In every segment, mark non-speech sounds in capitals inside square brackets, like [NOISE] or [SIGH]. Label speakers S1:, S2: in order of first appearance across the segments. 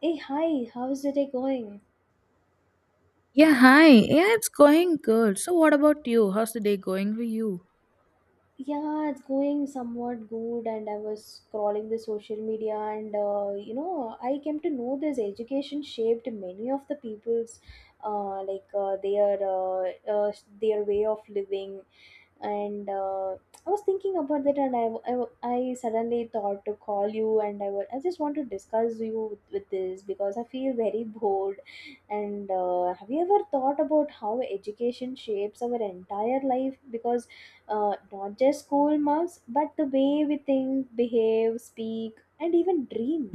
S1: Hey, hi, how's the day going?
S2: Yeah, hi. Yeah, it's going good. So, what about you? How's the day going for you?
S1: Yeah, it's going somewhat good, and I was scrolling the social media, and I came to know this education shaped many of the people's, uh, like uh, their uh, uh, their way of living, and I was thinking about that, and I suddenly thought to call you, and I just want to discuss you with this because I feel very [LAUGHS] bored. And Have you ever thought about how education shapes our entire life? Because not just school marks, but the way we think, behave, speak, and even dream.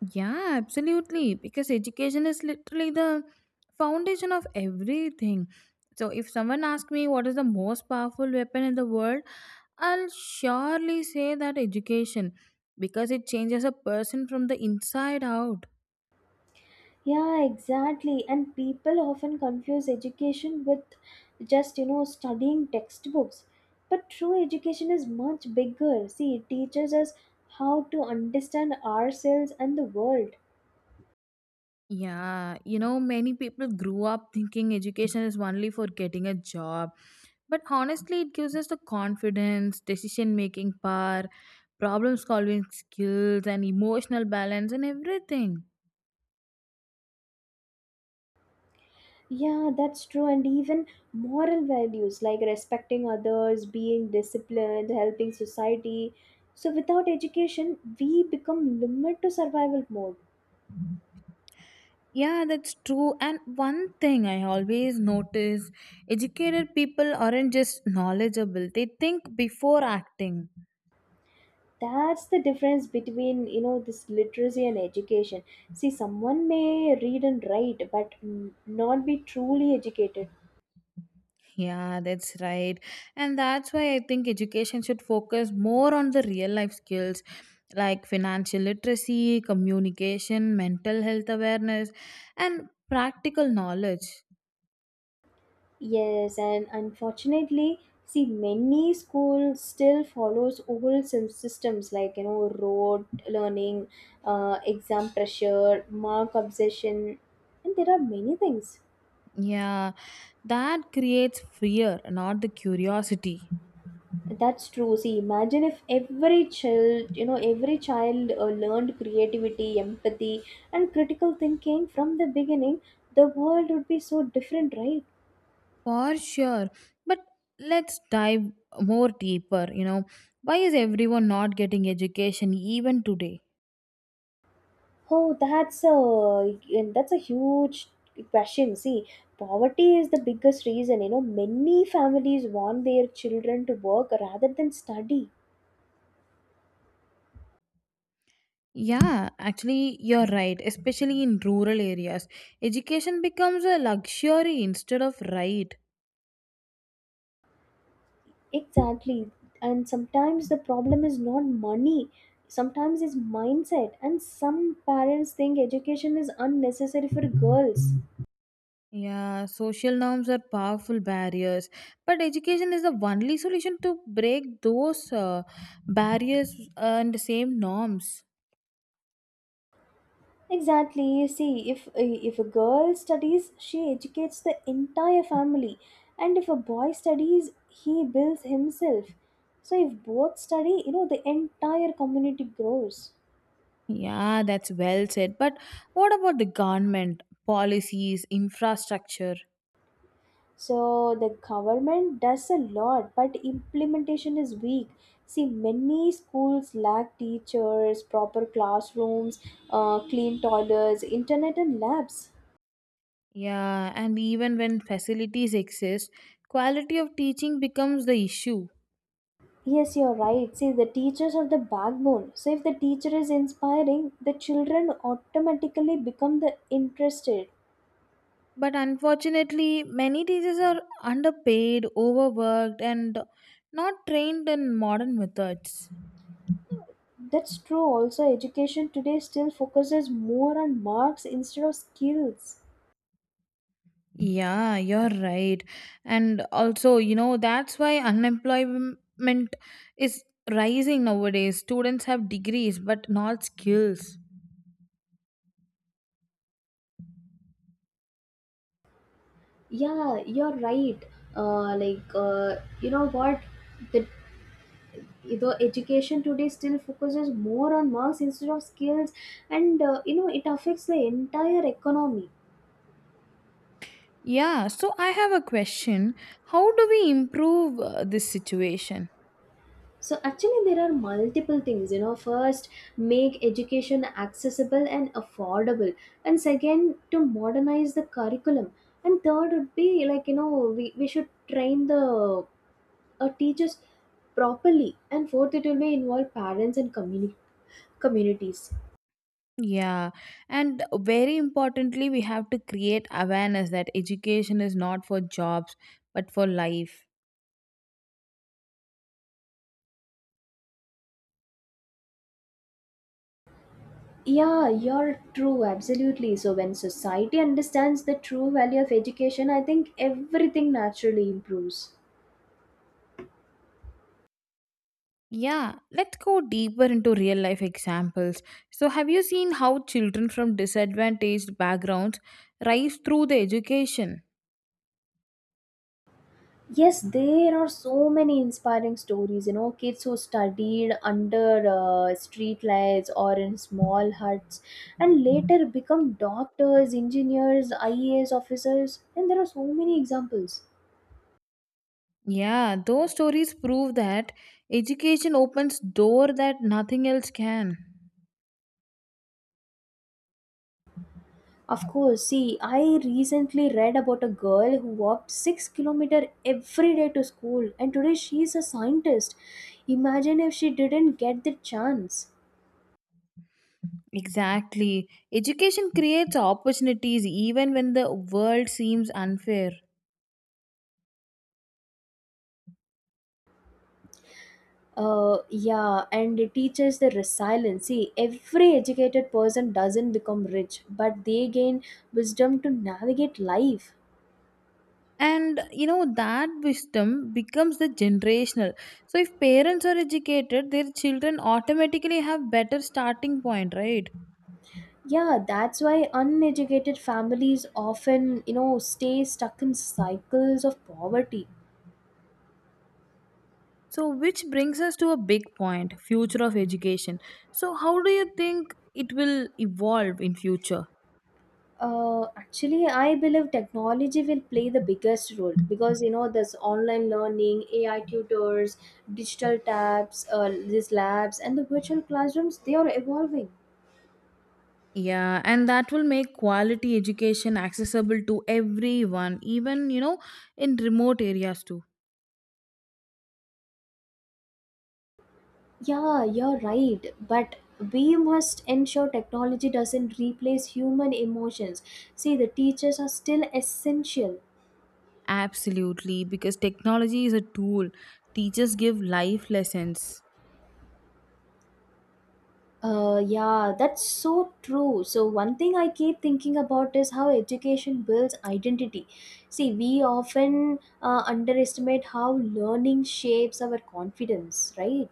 S2: Yeah, absolutely. Because education is literally the foundation of everything. So, if someone asks me what is the most powerful weapon in the world, I'll surely say that education because it changes a person from the inside out.
S1: Yeah, exactly. And people often confuse education with just, studying textbooks. But true education is much bigger. See, it teaches us how to understand ourselves and the world.
S2: Yeah, you know, many people grew up thinking education is only for getting a job. But honestly, it gives us the confidence, decision making power, problem solving skills, and emotional balance, and everything.
S1: Yeah, that's true. And even moral values like respecting others, being disciplined, helping society. So, without education, we become limited to survival mode.
S2: Yeah, that's true. And one thing I always notice educated people aren't just knowledgeable, they think before acting.
S1: That's the difference between, this literacy and education. See, someone may read and write, but not be truly educated.
S2: Yeah, that's right. And that's why I think education should focus more on the real life skills like financial literacy, communication, mental health awareness, and practical knowledge.
S1: Yes, and unfortunately, see, many schools still follows old systems like, you know, rote learning, exam pressure, mark obsession, and there are many things.
S2: Yeah, that creates fear, not the curiosity.
S1: That's true. See, imagine if every child, learned creativity, empathy, and critical thinking from the beginning. The world would be so different, right?
S2: For sure. But let's dive more deeper. You know, why is everyone not getting education even today?
S1: Oh, that's a huge question. See, poverty is the biggest reason. You know, many families want their children to work rather than study.
S2: Yeah, actually, you're right. Especially in rural areas, education becomes a luxury instead of right.
S1: Exactly, and sometimes the problem is not money. Sometimes it's mindset, and some parents think education is unnecessary for girls.
S2: Yeah, social norms are powerful barriers, but education is the only solution to break those barriers and the same norms.
S1: Exactly. You see, if a girl studies, she educates the entire family, and if a boy studies, he builds himself. So if both study, the entire community grows.
S2: Yeah, that's well said. But what about the government, policies, infrastructure?
S1: So the government does a lot, but implementation is weak. See, many schools lack teachers, proper classrooms, clean toilets, internet, and labs.
S2: Yeah, and even when facilities exist, quality of teaching becomes the issue.
S1: Yes, you're right. See, the teachers are the backbone. So if the teacher is inspiring, the children automatically become the interested.
S2: But unfortunately, many teachers are underpaid, overworked, and not trained in modern methods.
S1: That's true. Also, education today still focuses more on marks instead of skills.
S2: Yeah, you're right. And also, you know, that's why unemployment is rising nowadays. Students have degrees but not skills.
S1: Yeah, you're right. Uh, like, uh, you know what? The, the education today still focuses more on marks instead of skills, and you know, it affects the entire economy.
S2: Yeah, so I have a question. How do we improve this situation?
S1: So actually, there are multiple things. You know, first, make education accessible and affordable, and second, to modernize the curriculum, and third would be like, you know, we should train the teachers properly, and fourth it will be involve parents and communities.
S2: Yeah, and very importantly, we have to create awareness that education is not for jobs but for life.
S1: Yeah, you're true, absolutely. So when society understands the true value of education, I think everything naturally improves.
S2: Yeah, let's go deeper into real life examples. So, have you seen how children from disadvantaged backgrounds rise through the education?
S1: Yes, there are so many inspiring stories. You know, kids who studied under street lights or in small huts and later become doctors, engineers, IAS officers, and there are so many examples.
S2: Yeah, those stories prove that education opens door that nothing else can.
S1: Of course, see, I recently read about a girl who walked 6 kilometers kilometer every day to school and today she is a scientist. Imagine if she didn't get the chance.
S2: Exactly. Education creates opportunities even when the world seems unfair.
S1: Yeah, and it teaches the resilience. See, every educated person doesn't become rich, but they gain wisdom to navigate life.
S2: And you know that wisdom becomes the generational, so if parents are educated their children automatically have better starting point, right?
S1: Yeah, that's why uneducated families often, stay stuck in cycles of poverty.
S2: So which brings us to a big point, future of education. So how do you think it will evolve in future?
S1: Actually, I believe technology will play the biggest role because you know there's online learning, AI tutors, digital tabs, these labs, and the virtual classrooms. They are evolving.
S2: Yeah, and that will make quality education accessible to everyone, even, you know, in remote areas too.
S1: Yeah, you're right. But we must ensure technology doesn't replace human emotions. See, the teachers are still essential.
S2: Absolutely, because technology is a tool, teachers give life lessons.
S1: Yeah, that's so true. So, one thing I keep thinking about is how education builds identity. See, we often underestimate how learning shapes our confidence, right?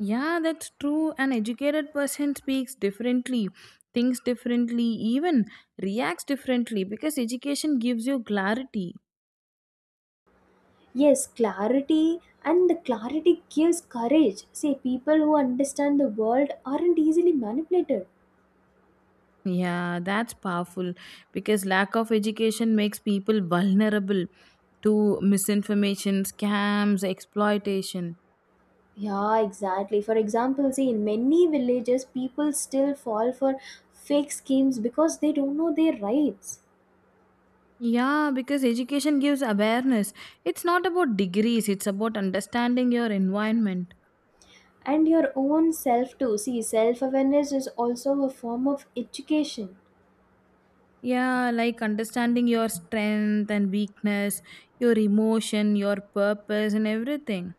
S2: Yeah, that's true. An educated person speaks differently, thinks differently, even reacts differently because education gives you clarity.
S1: Yes, clarity and the clarity gives courage. See, people who understand the world aren't easily manipulated.
S2: Yeah, that's powerful because lack of education makes people vulnerable to misinformation, scams, exploitation.
S1: Yeah, exactly. For example, see, in many villages, people still fall for fake schemes because they don't know their rights.
S2: Yeah, because education gives awareness. It's not about degrees, it's about understanding your environment.
S1: And your own self, too. See, self awareness is also a form of education
S2: Yeah, like understanding your strength and weakness, your emotion, your purpose, and everything.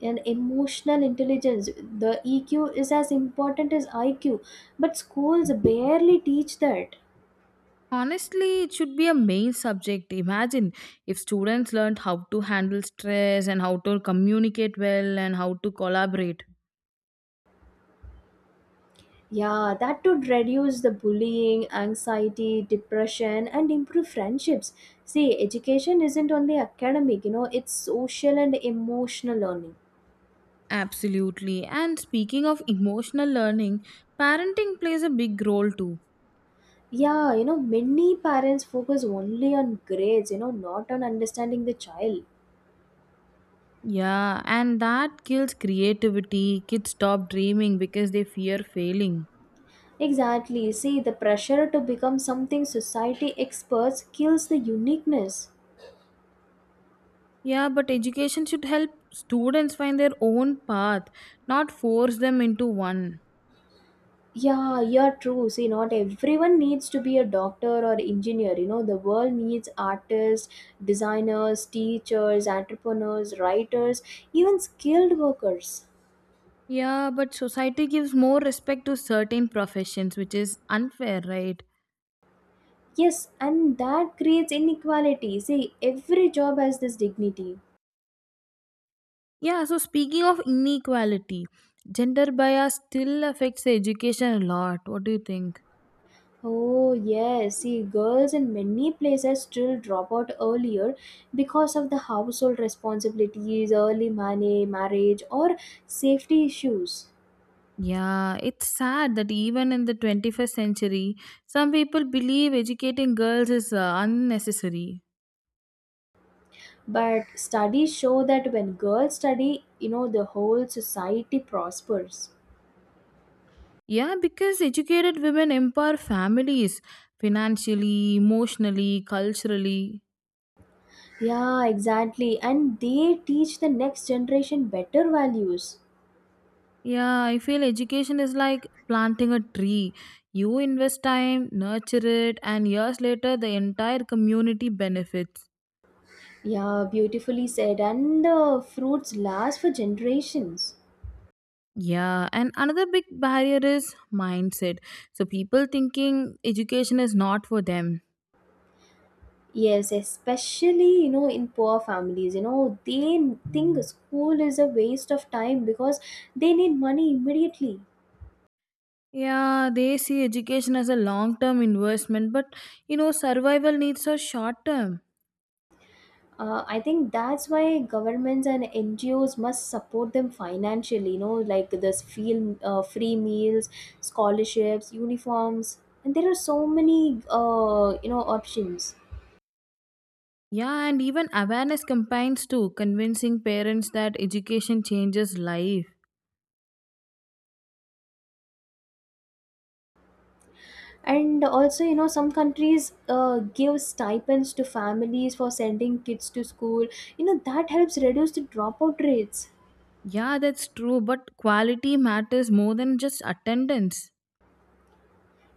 S1: and emotional intelligence. The EQ is as important as IQ, but schools barely teach that.
S2: Honestly, it should be a main subject. Imagine if students learned how to handle stress and how to communicate well and how to collaborate.
S1: Yeah, that would reduce the bullying, anxiety, depression, and improve friendships. See, education isn't only academic, it's social and emotional learning.
S2: Absolutely. And speaking of emotional learning, parenting plays a big role too.
S1: Yeah, you know, many parents focus only on grades, not on understanding the child.
S2: Yeah, and that kills creativity. Kids stop dreaming because they fear failing.
S1: Exactly. See, the pressure to become something society experts kills the uniqueness.
S2: Yeah, but education should help students find their own path, not force them into one.
S1: Yeah, you're true. See, not everyone needs to be a doctor or engineer. You know, the world needs artists, designers, teachers, entrepreneurs, writers, even skilled workers.
S2: Yeah, but society gives more respect to certain professions, which is unfair, right?
S1: Yes, and that creates inequality. See, every job has this dignity.
S2: Yeah, so speaking of inequality, gender bias still affects the education a lot. What do you think?
S1: Oh, yes. See, girls in many places still drop out earlier because of the household responsibilities, early money, marriage, or safety issues.
S2: Yeah, it's sad that even in the 21st century, some people believe educating girls is unnecessary.
S1: But studies show that when girls study, you know, the whole society prospers.
S2: Yeah, because educated women empower families financially, emotionally, culturally.
S1: Yeah, exactly, and they teach the next generation better values.
S2: Yeah, I feel education is like planting a tree. You invest time, nurture it, and years later, the entire community benefits.
S1: Yeah, beautifully said, and the fruits last for generations.
S2: Yeah, and another big barrier is mindset. So, people thinking education is not for them.
S1: Yes, especially, you know, in poor families, you know, they think school is a waste of time because they need money immediately.
S2: Yeah, they see education as a long term investment, but, you know, survival needs are short term.
S1: I think that's why governments and NGOs must support them financially, you know, like this feel, free meals, scholarships, uniforms, and there are so many, options.
S2: Yeah, and even awareness campaigns too, convincing parents that education changes life.
S1: And also, you know, some countries give stipends to families for sending kids to school. You know, that helps reduce the dropout rates.
S2: Yeah, that's true, but quality matters more than just attendance.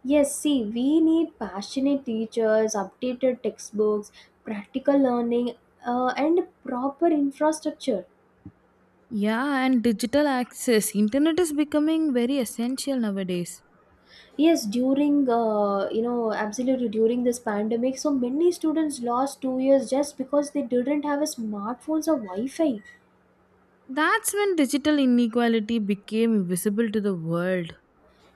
S1: Yes, see, we need passionate teachers, updated textbooks, practical learning, and proper infrastructure.
S2: Yeah, and digital access. Internet is becoming very essential nowadays.
S1: Yes, during absolutely during this pandemic, so many students lost 2 years just because they didn't have a smartphones or Wi-Fi.
S2: That's when digital inequality became visible to the world.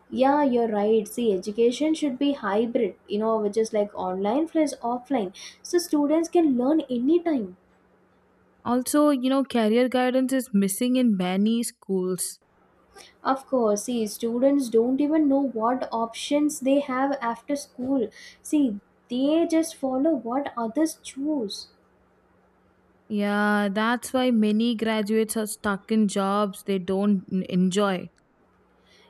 S1: Yeah, you're right. See, education should be hybrid, which is like online plus offline, so students can learn anytime.
S2: Also, you know, career guidance is missing in many schools.
S1: Of course, see, students don't even know what options they have after school. See, they just follow what others choose.
S2: Yeah, that's why many graduates are stuck in jobs they don't enjoy.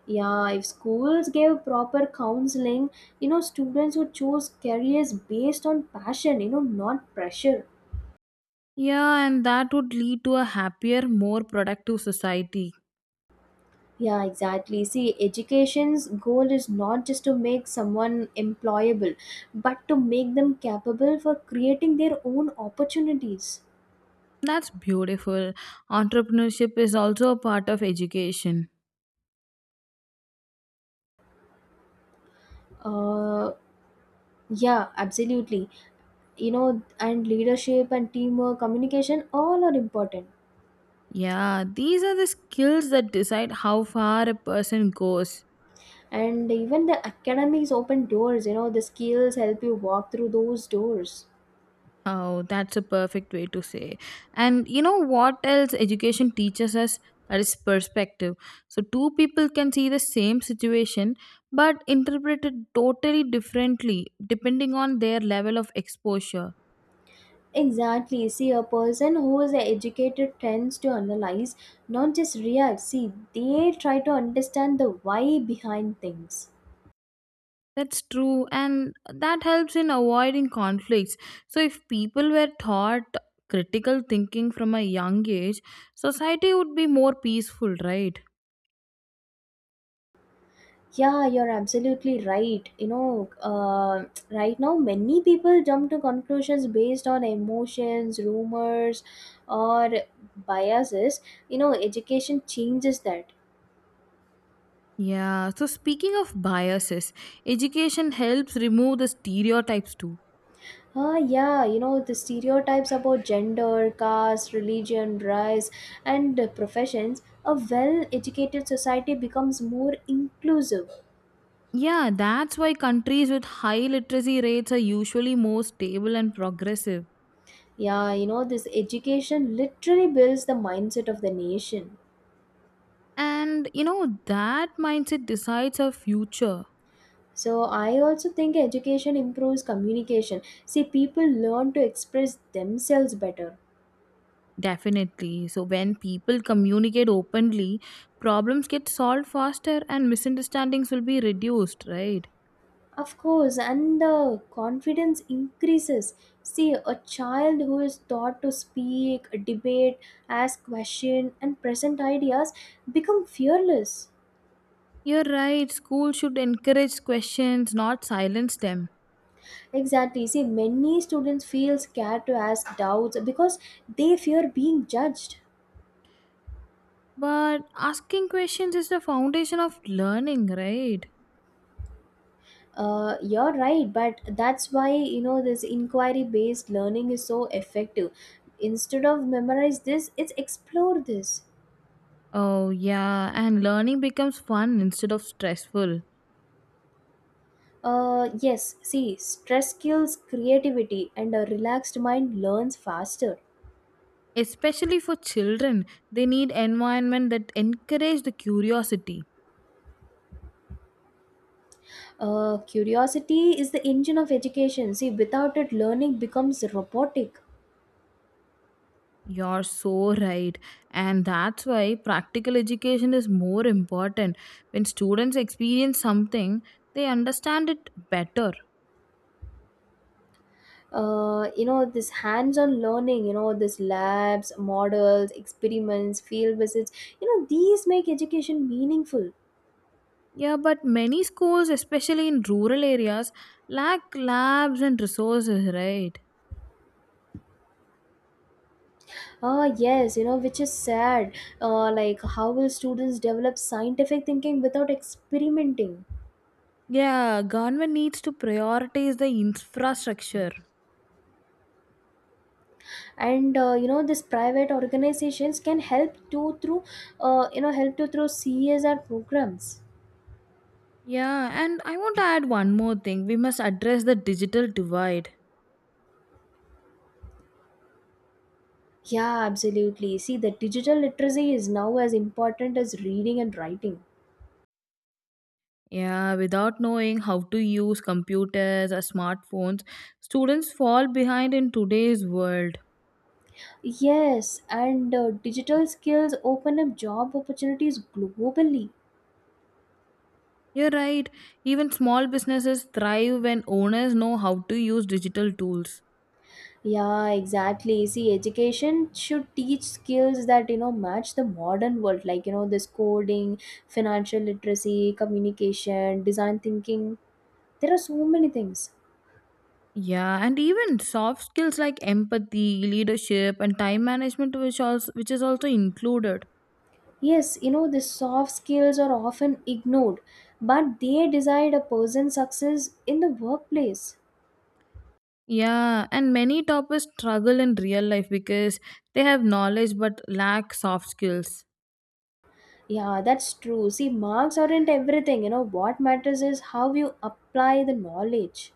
S1: Yeah, if schools gave proper counseling, students would choose careers based on passion, not pressure.
S2: Yeah, and that would lead to a happier, more productive society.
S1: Yeah, exactly. See, education's goal is not just to make someone employable, but to make them capable for creating their own opportunities.
S2: That's beautiful. Entrepreneurship is also a part of education.
S1: Uh, yeah, absolutely. You know, and leadership and teamwork, communication, all are important.
S2: Yeah, these are the skills that decide how far a person goes.
S1: And even the academics open doors, the skills help you walk through those doors.
S2: Oh, that's a perfect way to say. And you know what else education teaches us? That is perspective. So, two people can see the same situation but interpret it totally differently depending on their level of exposure.
S1: Exactly. See, a person who is educated tends to analyze, not just react. See, they try to understand the why behind things.
S2: That's true, and that helps in avoiding conflicts. So, if people were taught critical thinking from a young age, society would be more peaceful, right?
S1: Yeah, you're absolutely right. Right now, many people jump to conclusions based on emotions, rumors, or biases. You know, education changes that.
S2: Yeah, so speaking of biases, education helps remove the stereotypes too.
S1: Ah, yeah, you know, the stereotypes about gender, caste, religion, race, and professions, a well educated society becomes more inclusive.
S2: Yeah, that's why countries with high literacy rates are usually more stable and progressive.
S1: Yeah, you know, this education literally builds the mindset of the nation.
S2: And you know, that mindset decides our future.
S1: So, I also think education improves communication. See, people learn to express themselves better.
S2: Definitely. So when people communicate openly, problems get solved faster and misunderstandings will be reduced, right?
S1: Of course, and the confidence increases. See, a child who is taught to speak, debate, ask questions, and present ideas become fearless.
S2: You're right. School should encourage questions, not silence them.
S1: Exactly. See, many students feel scared to ask doubts because they fear being judged.
S2: But asking questions is the foundation of learning, right?
S1: You're right, but that's why, you know, this inquiry-based learning is so effective. Instead of memorize this, it's explore this.
S2: Oh, yeah. And learning becomes fun instead of stressful.
S1: Yes, see, stress kills creativity and a relaxed mind learns faster.
S2: Especially for children, they need environment that encourage the curiosity.
S1: Curiosity is the engine of education. See, without it, learning becomes robotic.
S2: You're so right. And that's why practical education is more important. When students experience something, they understand it better.
S1: You know, this hands on learning, you know, this labs, models, experiments, field visits, these make education meaningful.
S2: Yeah, but many schools, especially in rural areas, lack labs and resources, right?
S1: Ah, yes, you know, which is sad. How will students develop scientific thinking without experimenting?
S2: Yeah, government needs to prioritize the infrastructure.
S1: And you know these private organizations can help to through help to through CSR programs.
S2: Yeah, and I want to add one more thing. We must address the digital divide.
S1: Yeah, absolutely. See, the digital literacy is now as important as reading and writing.
S2: Yeah, without knowing how to use computers or smartphones, students fall behind in today's world.
S1: Yes, and digital skills open up job opportunities globally.
S2: You're right. Even small businesses thrive when owners know how to use digital tools.
S1: Yeah, exactly. See, education should teach skills that, you know, match the modern world, like, you know, this coding, financial literacy, communication, design thinking, there are so many things.
S2: Yeah, and even soft skills like empathy, leadership, and time management, which is also included.
S1: Yes, you know, the soft skills are often ignored, but they decide a person's success in the workplace.
S2: Yeah, and many toppers struggle in real life because they have knowledge but lack soft skills.
S1: Yeah, that's true. See, marks aren't everything. You know, what matters is how you apply the knowledge.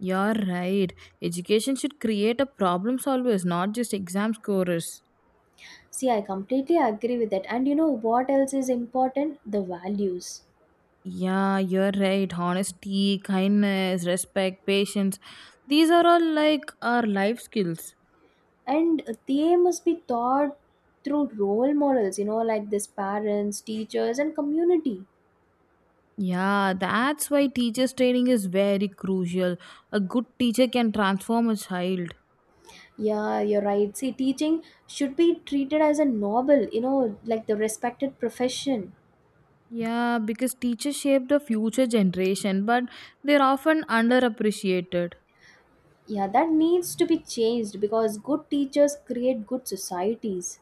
S2: You're right. Education should create a problem solvers, not just exam scorers.
S1: See, I completely agree with that. And you know what else is important? The values.
S2: Yeah, you're right. Honesty, kindness, respect, patience. These are all like our life skills.
S1: And they must be taught through role models, like this parents, teachers, and community.
S2: Yeah, that's why teachers' training is very crucial. A good teacher can transform a child.
S1: Yeah, you're right. See, teaching should be treated as a noble, like the respected profession.
S2: Yeah, because teachers shape the future generation, but they're often underappreciated.
S1: Yeah, that needs to be changed because good teachers create good societies.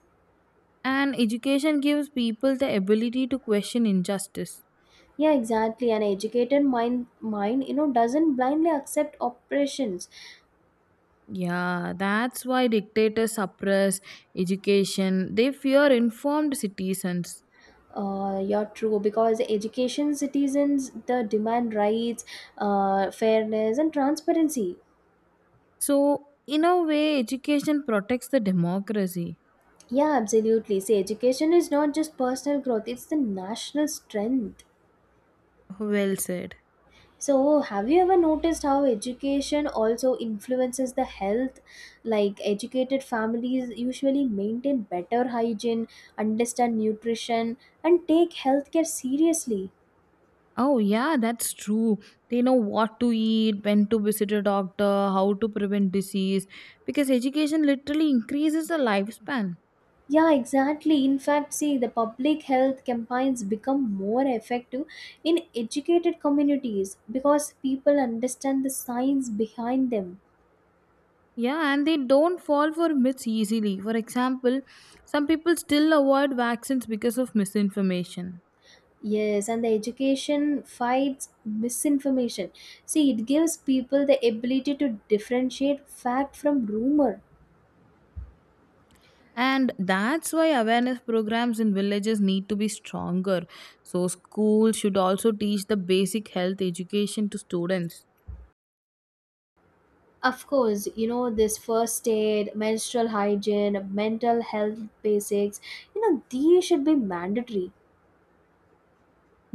S2: And education gives people the ability to question injustice.
S1: Yeah, exactly. An educated mind, you know, doesn't blindly accept oppressions.
S2: Yeah, that's why dictators suppress education. They fear informed citizens.
S1: You're true because education citizens the demand rights, fairness, and transparency.
S2: So, in a way, education protects the democracy.
S1: Yeah, absolutely. See, education is not just personal growth; it's the national strength.
S2: Well said.
S1: So, have you ever noticed how education also influences the health? Like, educated families usually maintain better hygiene, understand nutrition, and take healthcare seriously.
S2: Oh, yeah, that's true. They know what to eat, when to visit a doctor, how to prevent disease, because education literally increases the lifespan.
S1: Yeah, exactly. In fact, see, the public health campaigns become more effective in educated communities because people understand the science behind them.
S2: Yeah, and they don't fall for myths easily. For example, some people still avoid vaccines because of misinformation.
S1: Yes, and the education fights misinformation. See, it gives people the ability to differentiate fact from rumor.
S2: And that's why awareness programs in villages need to be stronger. So, schools should also teach the basic health education to students.
S1: Of course, this first aid, menstrual hygiene, mental health basics. These should be mandatory.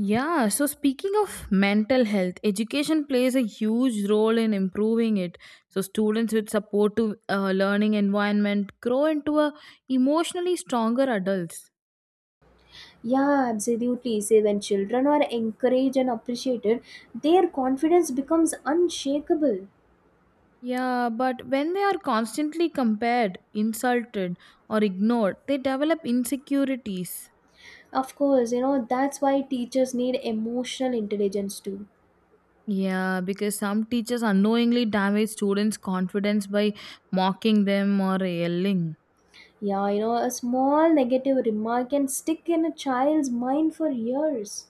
S2: Yeah, so speaking of mental health, education plays a huge role in improving it. So, students with supportive learning environment grow into a emotionally stronger adults.
S1: Yeah, absolutely. See, when children are encouraged and appreciated, their confidence becomes unshakable.
S2: Yeah, but when they are constantly compared, insulted, or ignored, they develop insecurities.
S1: Of course, that's why teachers need emotional intelligence too.
S2: Yeah, because some teachers unknowingly damage students' confidence by mocking them or yelling.
S1: Yeah, a small negative remark can stick in a child's mind for years.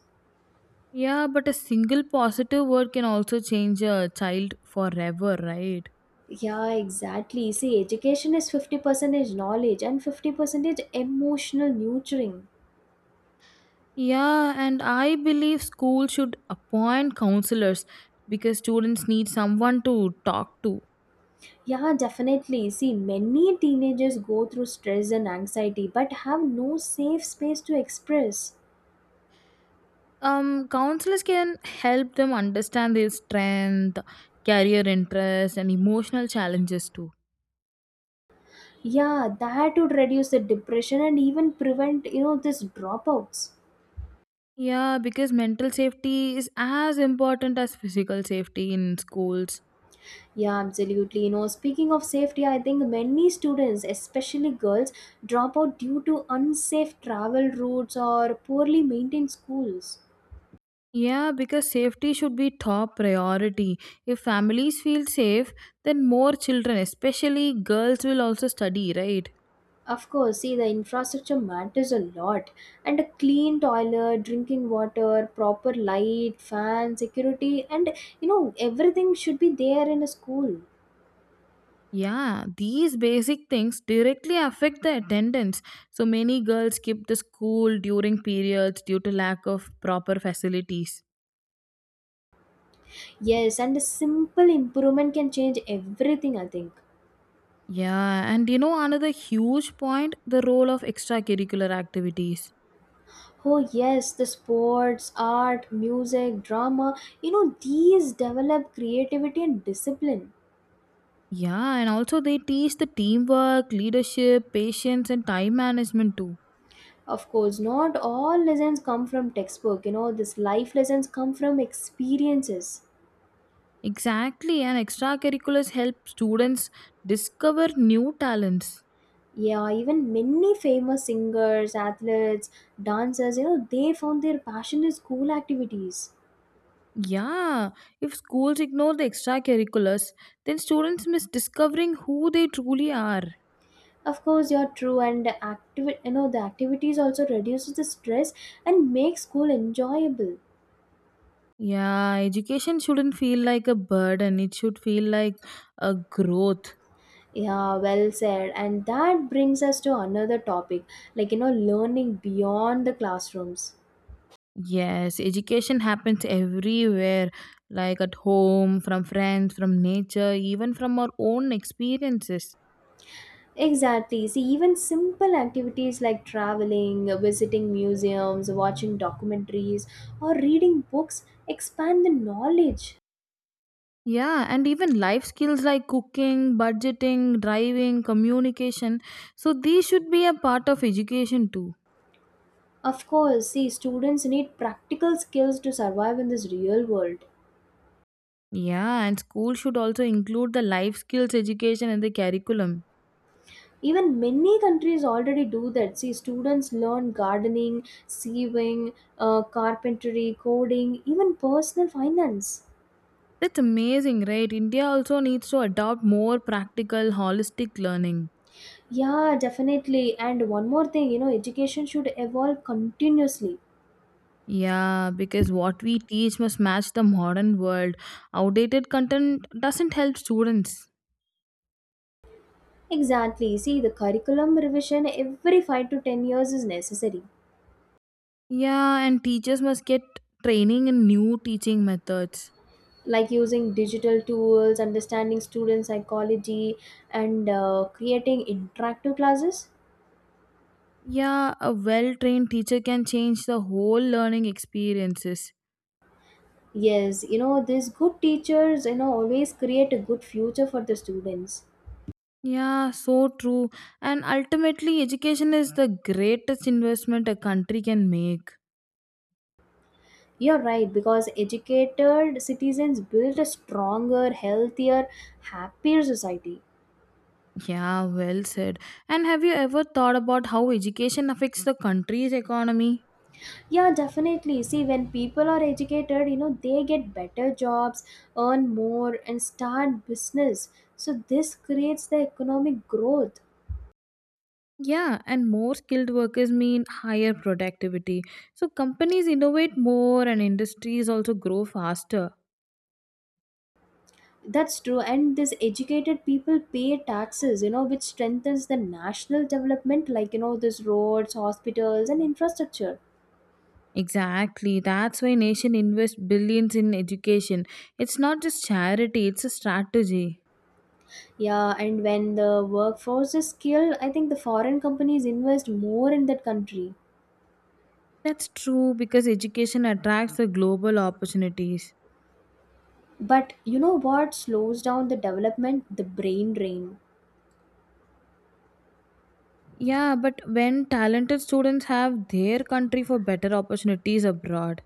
S2: Yeah, but a single positive word can also change a child forever, right?
S1: Yeah, exactly. See, education is 50% knowledge and 50% emotional nurturing.
S2: Yeah, and I believe school should appoint counselors because students need someone to talk to.
S1: Yeah, definitely. See, many teenagers go through stress and anxiety but have no safe space to express.
S2: Counselors can help them understand their strength, career interests, and emotional challenges too.
S1: Yeah, that would reduce the depression and even prevent this dropouts.
S2: Yeah, because mental safety is as important as physical safety in schools.
S1: Yeah, absolutely. Speaking of safety, I think many students, especially girls, drop out due to unsafe travel routes or poorly maintained schools.
S2: Yeah, because safety should be top priority. If families feel safe, then more children, especially girls, will also study, right?
S1: Of course, see, the infrastructure matters a lot. And a clean toilet, drinking water, proper light, fan, security, and everything should be there in a school.
S2: Yeah, these basic things directly affect the attendance. So many girls skip the school during periods due to lack of proper facilities.
S1: Yes, and a simple improvement can change everything, I think.
S2: Yeah, and you know another huge point, the role of extracurricular activities.
S1: Oh, yes, the sports, art, music, drama. These develop creativity and discipline.
S2: Yeah, and also they teach the teamwork, leadership, patience, and time management too.
S1: Of course, not all lessons come from textbook. This life lessons come from experiences.
S2: Exactly, and extracurriculars help students discover new talents.
S1: Yeah, even many famous singers, athletes, dancers. They found their passion in school activities.
S2: Yeah, if schools ignore the extracurriculars, then students miss discovering who they truly are.
S1: Of course, you're true, and the activities also reduces the stress and makes school enjoyable.
S2: Yeah, education shouldn't feel like a burden, it should feel like a growth.
S1: Yeah, well said. And that brings us to another topic, learning beyond the classrooms.
S2: Yes, education happens everywhere, like at home, from friends, from nature, even from our own experiences.
S1: Exactly. See, even simple activities like traveling, visiting museums, watching documentaries, or reading books expand the knowledge.
S2: Yeah, and even life skills like cooking, budgeting, driving, communication. So, these should be a part of education too.
S1: Of course, see, students need practical skills to survive in this real world.
S2: Yeah, and school should also include the life skills education in the curriculum.
S1: Even many countries already do that. See, students learn gardening, sewing, carpentry, coding, even personal finance.
S2: That's amazing, right? India also needs to adopt more practical, holistic learning.
S1: Yeah, definitely. And one more thing, education should evolve continuously.
S2: Yeah, because what we teach must match the modern world. Outdated content doesn't help students.
S1: Exactly. See, the curriculum revision every 5 to 10 years is necessary.
S2: Yeah, and teachers must get training in new teaching methods.
S1: Like using digital tools, understanding student psychology, and creating interactive classes.
S2: Yeah, a well trained teacher can change the whole learning experiences.
S1: Yes, these good teachers always create a good future for the students.
S2: Yeah, so true. And ultimately, education is the greatest investment a country can make.
S1: You're right, because educated citizens build a stronger, healthier, happier society.
S2: Yeah, well said. And have you ever thought about how education affects the country's economy?
S1: Yeah, definitely. See, when people are educated, they get better jobs, earn more, and start business. So, this creates the economic growth.
S2: Yeah, and more skilled workers mean higher productivity. So companies innovate more and industries also grow faster.
S1: That's true, and these educated people pay taxes, which strengthens the national development, like these roads, hospitals, and infrastructure.
S2: Exactly. That's why nation invests billions in education. It's not just charity, it's a strategy.
S1: Yeah, and when the workforce is skilled, I think the foreign companies invest more in that country.
S2: That's true because education attracts the global opportunities.
S1: But you know what slows down the development? The brain drain.
S2: Yeah, but when talented students have their country for better opportunities abroad.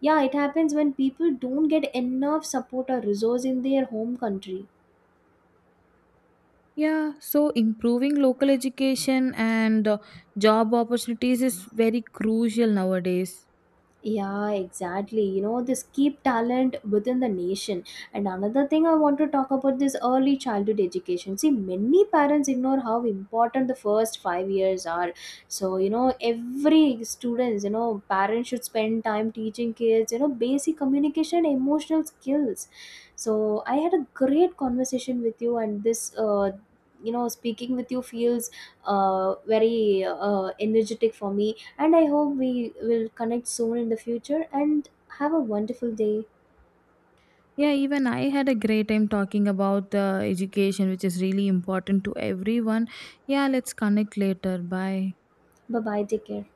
S1: Yeah, it happens when people don't get enough support or resource in their home country.
S2: Yeah, so improving local education and job opportunities is very crucial nowadays.
S1: Yeah, exactly. This keep talent within the nation. And another thing I want to talk about this early childhood education. See, many parents ignore how important the first 5 years are. So, every students, parents should spend time teaching kids basic communication, emotional skills. So I had a great conversation with you, and this speaking with you feels very energetic for me, and I hope we will connect soon in the future and have a wonderful day.
S2: Yeah, even I had a great time talking about the education, which is really important to everyone. Yeah, let's connect later. Bye.
S1: Bye bye. Take care.